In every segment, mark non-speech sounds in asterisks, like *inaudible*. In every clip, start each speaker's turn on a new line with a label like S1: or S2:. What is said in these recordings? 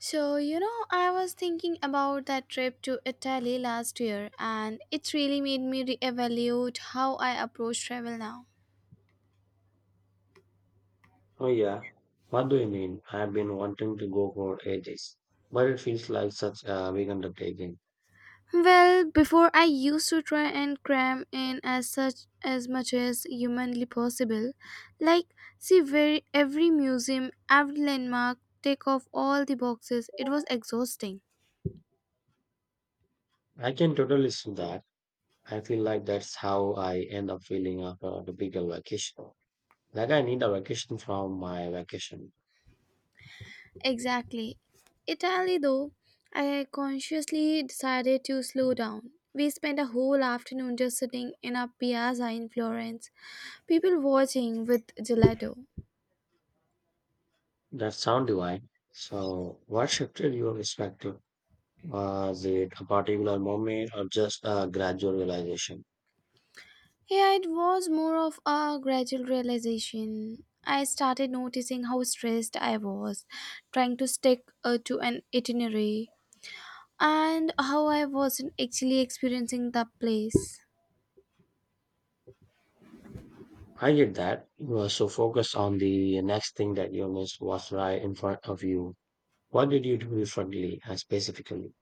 S1: So, you know, I was thinking about that trip to Italy last year, and it really made me reevaluate how I approach travel now.
S2: Oh yeah, what do you mean? I've been wanting to go for ages, but it feels like such a big undertaking.
S1: Well, before I used to try and cram in as such as much as humanly possible, like see very every museum, every landmark, take off all the boxes. It was exhausting.
S2: I can totally see that. I feel like that's how I end up feeling after a typical vacation. Like I need a vacation from my vacation.
S1: Exactly. Italy, though, I consciously decided to slow down. We spent a whole afternoon just sitting in a piazza in Florence, people watching with gelato.
S2: That sound divine. So, what shifted your perspective? Was it a particular moment or just a gradual realization?
S1: Yeah, it was more of a gradual realization. I started noticing how stressed I was, trying to stick to an itinerary, and how I wasn't actually experiencing the place.
S2: I get that. You were so focused on the next thing that you missed was right in front of you. What did you do differently specifically?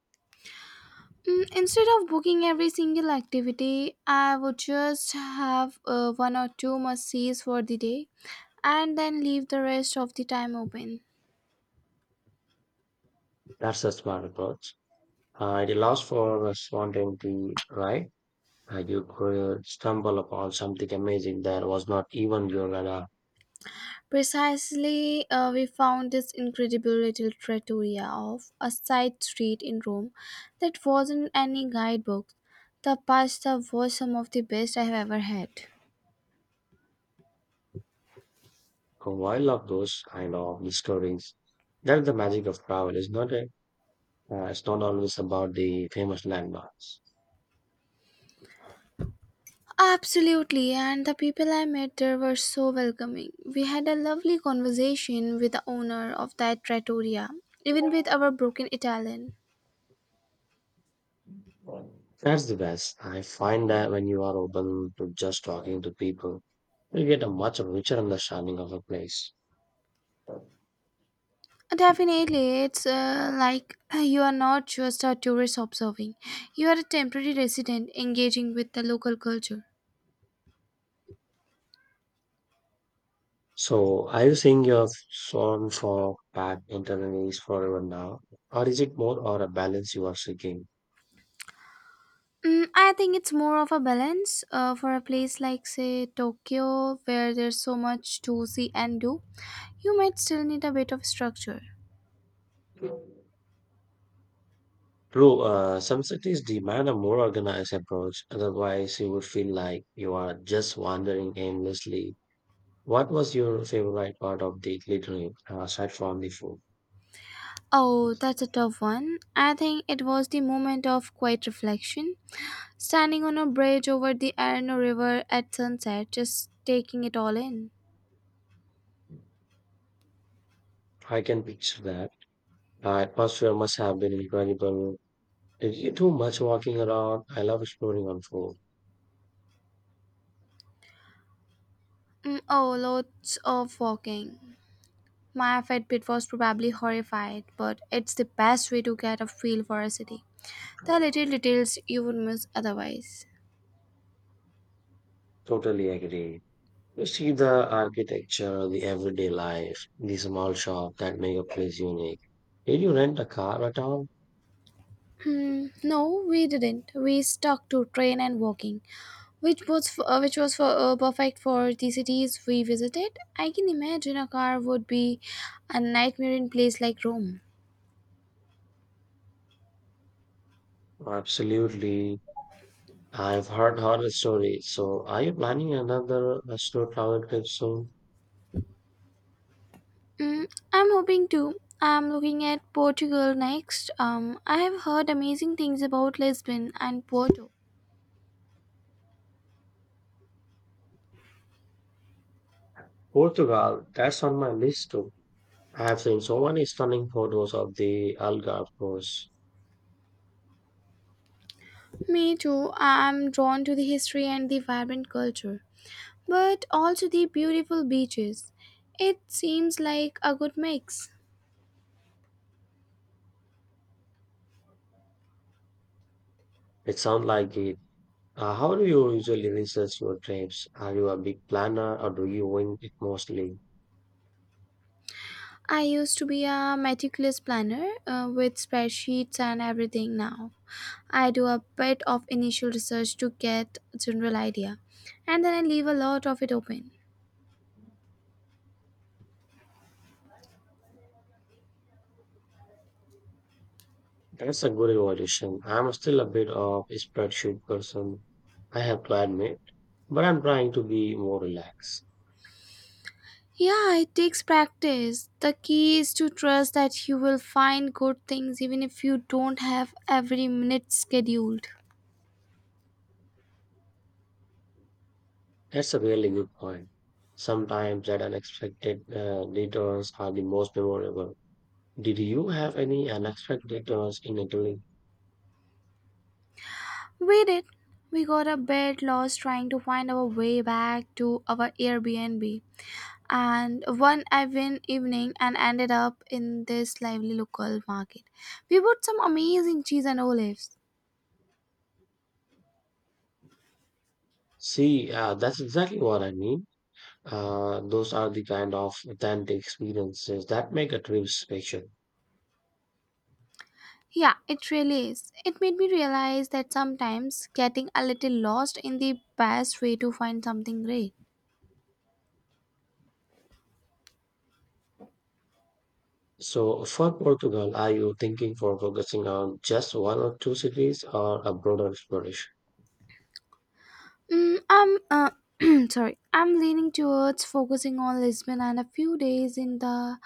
S1: Mm, instead of booking every single activity, I would just have one or two must sees for the day and then leave the rest of the time open.
S2: That's a smart approach. At a loss for spontaneity, right? You could stumble upon something amazing that was not even your radar.
S1: Precisely, we found this incredible little trattoria of a side street in Rome that wasn't any guidebook. The pasta was some of the best I have ever had.
S2: A while of those kind of discoveries. That's the magic of travel. Is not it? It's not always about the famous landmarks.
S1: Absolutely, and the people I met there were so welcoming. We had a lovely conversation with the owner of that trattoria, even with our broken Italian.
S2: That's the best. I find that when you are open to just talking to people, you get a much richer understanding of a place.
S1: Definitely, it's like you are not just a tourist observing, you are a temporary resident engaging with the local culture.
S2: So, are you singing your song for bad internally forever now, or is it more or a balance you are seeking?
S1: Mm, I think it's more of a balance for a place like, say, Tokyo, where there's so much to see and do. You might still need a bit of structure.
S2: True, some cities demand a more organized approach, otherwise you would feel like you are just wandering aimlessly. What was your favorite part of the Italy trip, aside from the food?
S1: Oh, that's a tough one. I think it was the moment of quiet reflection, standing on a bridge over the Arno River at sunset, just taking it all in.
S2: I can picture that. The atmosphere must have been incredible. Did you do much walking around? I love exploring on foot.
S1: Mm, oh, lots of walking. My Fitbit was probably horrified, but it's the best way to get a feel for a city. The little details you would miss otherwise.
S2: Totally agree. You see the architecture, the everyday life, the small shop that make a place unique. Did you rent a car at all?
S1: Hmm, no, we didn't. We stuck to train and walking, which was for perfect for the cities we visited. I can imagine a car would be a nightmare in place like Rome.
S2: Absolutely. I've heard horror stories. So are you planning another slow travel trip soon?
S1: Mm, I'm hoping to. I'm looking at Portugal next. I have heard amazing things about Lisbon and Porto.
S2: Portugal, that's on my list too. I have seen so many stunning photos of the Algarve coast.
S1: Me too. I'm drawn to the history and the vibrant culture, but also the beautiful beaches. It seems like a good mix.
S2: It sounds like it. How do you usually research your trips? Are you a big planner or do you wing it mostly?
S1: I used to be a meticulous planner with spreadsheets and everything now. I do a bit of initial research to get a general idea, and then I leave a lot of it open.
S2: That's a good evolution. I'm still a bit of a spreadsheet person, I have to admit, but I'm trying to be more relaxed.
S1: Yeah, it takes practice. The key is to trust that you will find good things even if you don't have every minute scheduled.
S2: That's a really good point. Sometimes that unexpected returns are the most memorable. Did you have any unexpected returns in Italy?
S1: We did. We got a bit lost trying to find our way back to our Airbnb and one even evening and ended up in this lively local market. We bought some amazing cheese and olives.
S2: See, that's exactly what I mean. Those are the kind of authentic experiences that make a trip special.
S1: Yeah, it really is. It made me realize that sometimes getting a little lost in the best way to find something great.
S2: So for Portugal, are you thinking for focusing on just one or two cities or a broader exploration?
S1: Mm, I'm *clears throat* sorry. I'm leaning towards focusing on Lisbon and a few days in the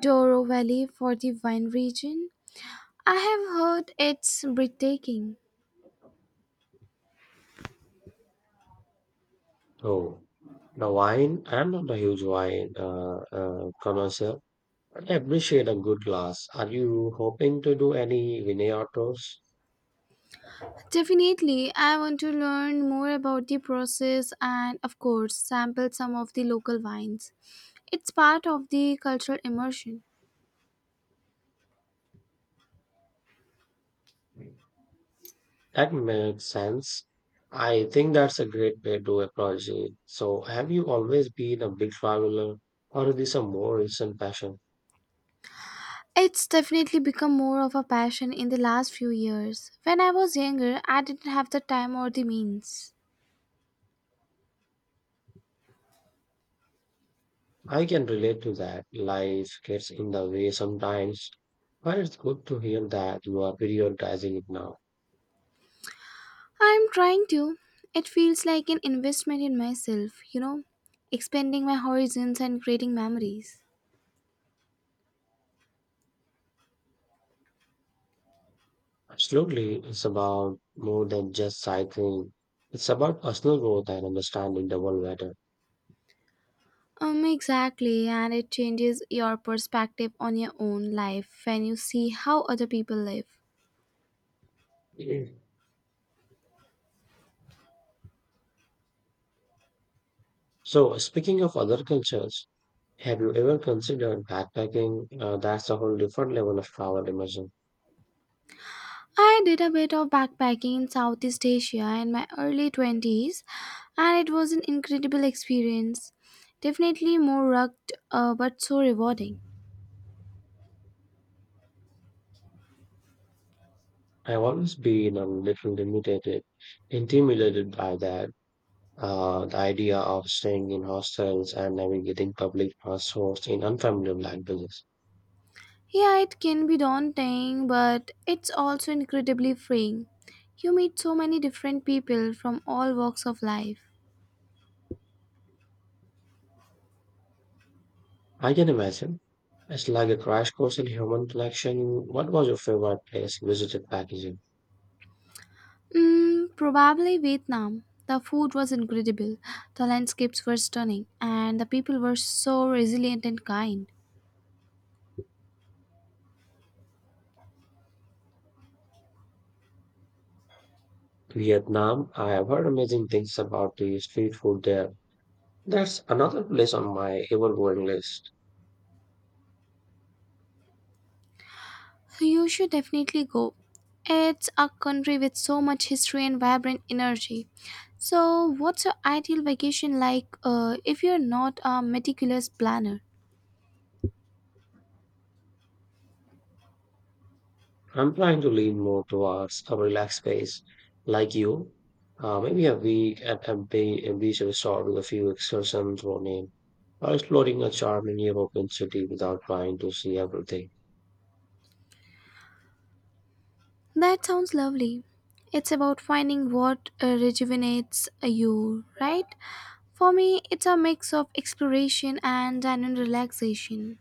S1: Douro Valley for the wine region. I have heard it's breathtaking.
S2: Oh, the wine. I'm not a huge wine connoisseur, but I appreciate a good glass. Are you hoping to do any vineyard tours?
S1: Definitely, I want to learn more about the process and, of course, sample some of the local wines. It's part of the cultural immersion.
S2: That makes sense. I think that's a great way to approach it. So, have you always been a big traveler, or is this a more recent passion?
S1: It's definitely become more of a passion in the last few years. When I was younger, I didn't have the time or the means.
S2: I can relate to that. Life gets in the way sometimes, but it's good to hear that you are prioritizing it now.
S1: I'm trying to. It feels like an investment in myself, you know, expanding my horizons and creating memories.
S2: Absolutely, it's about more than just cycling. It's about personal growth and understanding the world better.
S1: Exactly, and it changes your perspective on your own life when you see how other people live.
S2: Mhm. So, speaking of other cultures, have you ever considered backpacking? That's a whole different level of travel immersion.
S1: I did a bit of backpacking in Southeast Asia in my early 20s, and it was an incredible experience. Definitely more rugged, but so rewarding.
S2: I've always been a little limited, intimidated by that. The idea of staying in hostels and navigating public transports in unfamiliar languages.
S1: Yeah, it can be daunting, but it's also incredibly freeing. You meet so many different people from all walks of life.
S2: I can imagine. It's like a crash course in human connection. What was your favorite place you visited back in
S1: Mm, probably Vietnam. The food was incredible, the landscapes were stunning, and the people were so resilient and kind.
S2: Vietnam? I have heard amazing things about the street food there. That's another place on my ever-growing list.
S1: You should definitely go. It's a country with so much history and vibrant energy. So, what's your ideal vacation like if you're not a meticulous planner?
S2: I'm trying to lean more towards a relaxed pace, like you. Maybe a week at a, bay, a beach resort with a few excursions thrown in, or exploring a charming European city without trying to see everything.
S1: That sounds lovely. It's about finding what rejuvenates you, right? For me, it's a mix of exploration and genuine relaxation.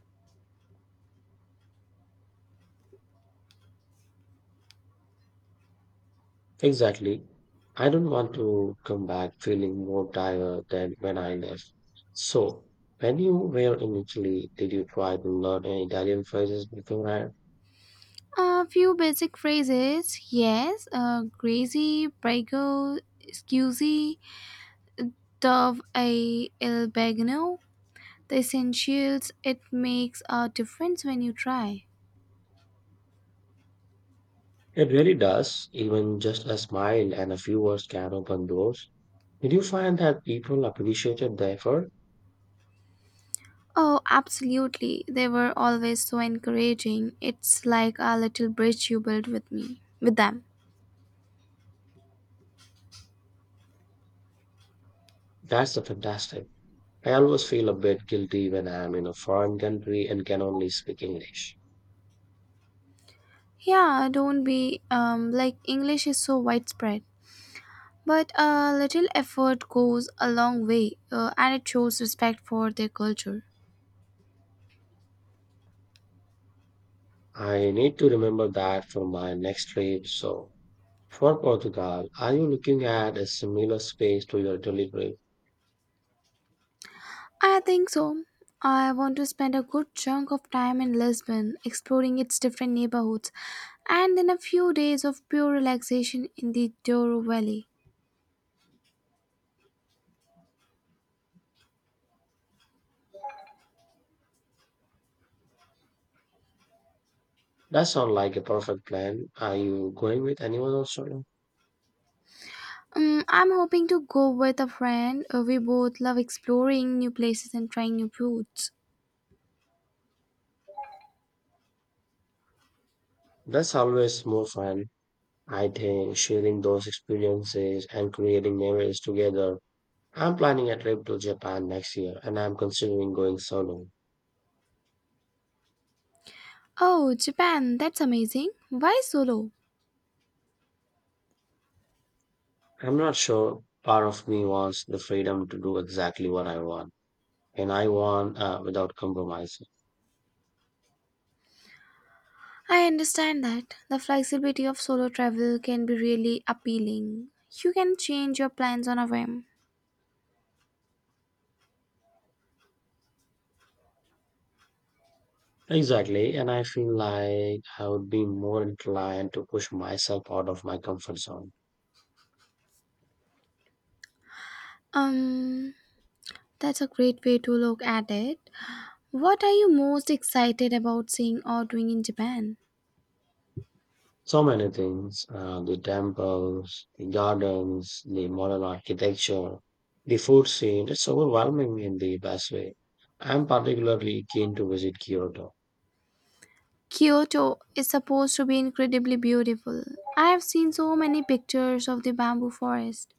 S2: Exactly. I don't want to come back feeling more tired than when I left. So, when you were in Italy, did you try to learn any Italian phrases beforehand?
S1: A few basic phrases, yes. Crazy, prego, scusi, dove a il bagno. The essentials, it makes a difference when you try.
S2: It really does. Even just a smile and a few words can open doors. Did you find that people appreciated the effort?
S1: Oh, absolutely. They were always so encouraging. It's like a little bridge you built with me, with them.
S2: That's a fantastic. I always feel a bit guilty when I'm in a foreign country and can only speak English.
S1: Yeah, don't be like English is so widespread, but a little effort goes a long way, and it shows respect for their culture.
S2: I need to remember that for my next trip. So, for Portugal, are you looking at a similar space to your delivery?
S1: I think so. I want to spend a good chunk of time in Lisbon, exploring its different neighborhoods, and then a few days of pure relaxation in the Douro Valley.
S2: That sounds like a perfect plan. Are you going with anyone also?
S1: I'm hoping to go with a friend. We both love exploring new places and trying new foods.
S2: That's always more fun. I think sharing those experiences and creating memories together, I'm planning a trip to Japan next year and I'm considering going solo.
S1: Oh, Japan, that's amazing. Why solo?
S2: I'm not sure part of me wants the freedom to do exactly what I want and I want without compromising.
S1: I understand that. The flexibility of solo travel can be really appealing. You can change your plans on a whim.
S2: Exactly, and I feel like I would be more inclined to push myself out of my comfort zone.
S1: Um, that's a great way to look at it. What are you most excited about seeing or doing in Japan?
S2: So many things, the temples, the gardens, the modern architecture, the food scene, it's overwhelming in the best way. I'm particularly keen to visit Kyoto.
S1: Kyoto is supposed to be incredibly beautiful. I have seen so many pictures of the bamboo forest.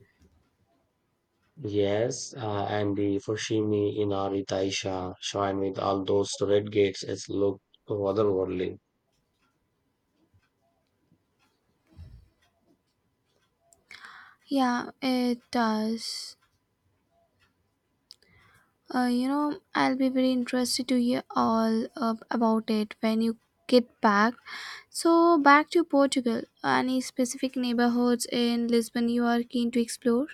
S2: Yes, and the Fushimi Inari Taisha shrine with all those red gates is looked otherworldly.
S1: Yeah, it does. I'll be very interested to hear all about it when you get back. So, back to Portugal. Any specific neighborhoods in Lisbon you are keen to explore?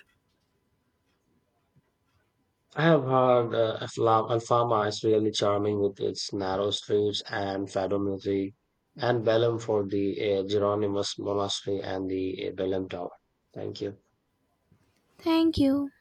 S2: I have heard Alfama is really charming with its narrow streets and fado music, and Belém for the Geronimus Monastery and the Belém Tower. Thank you.
S1: Thank you.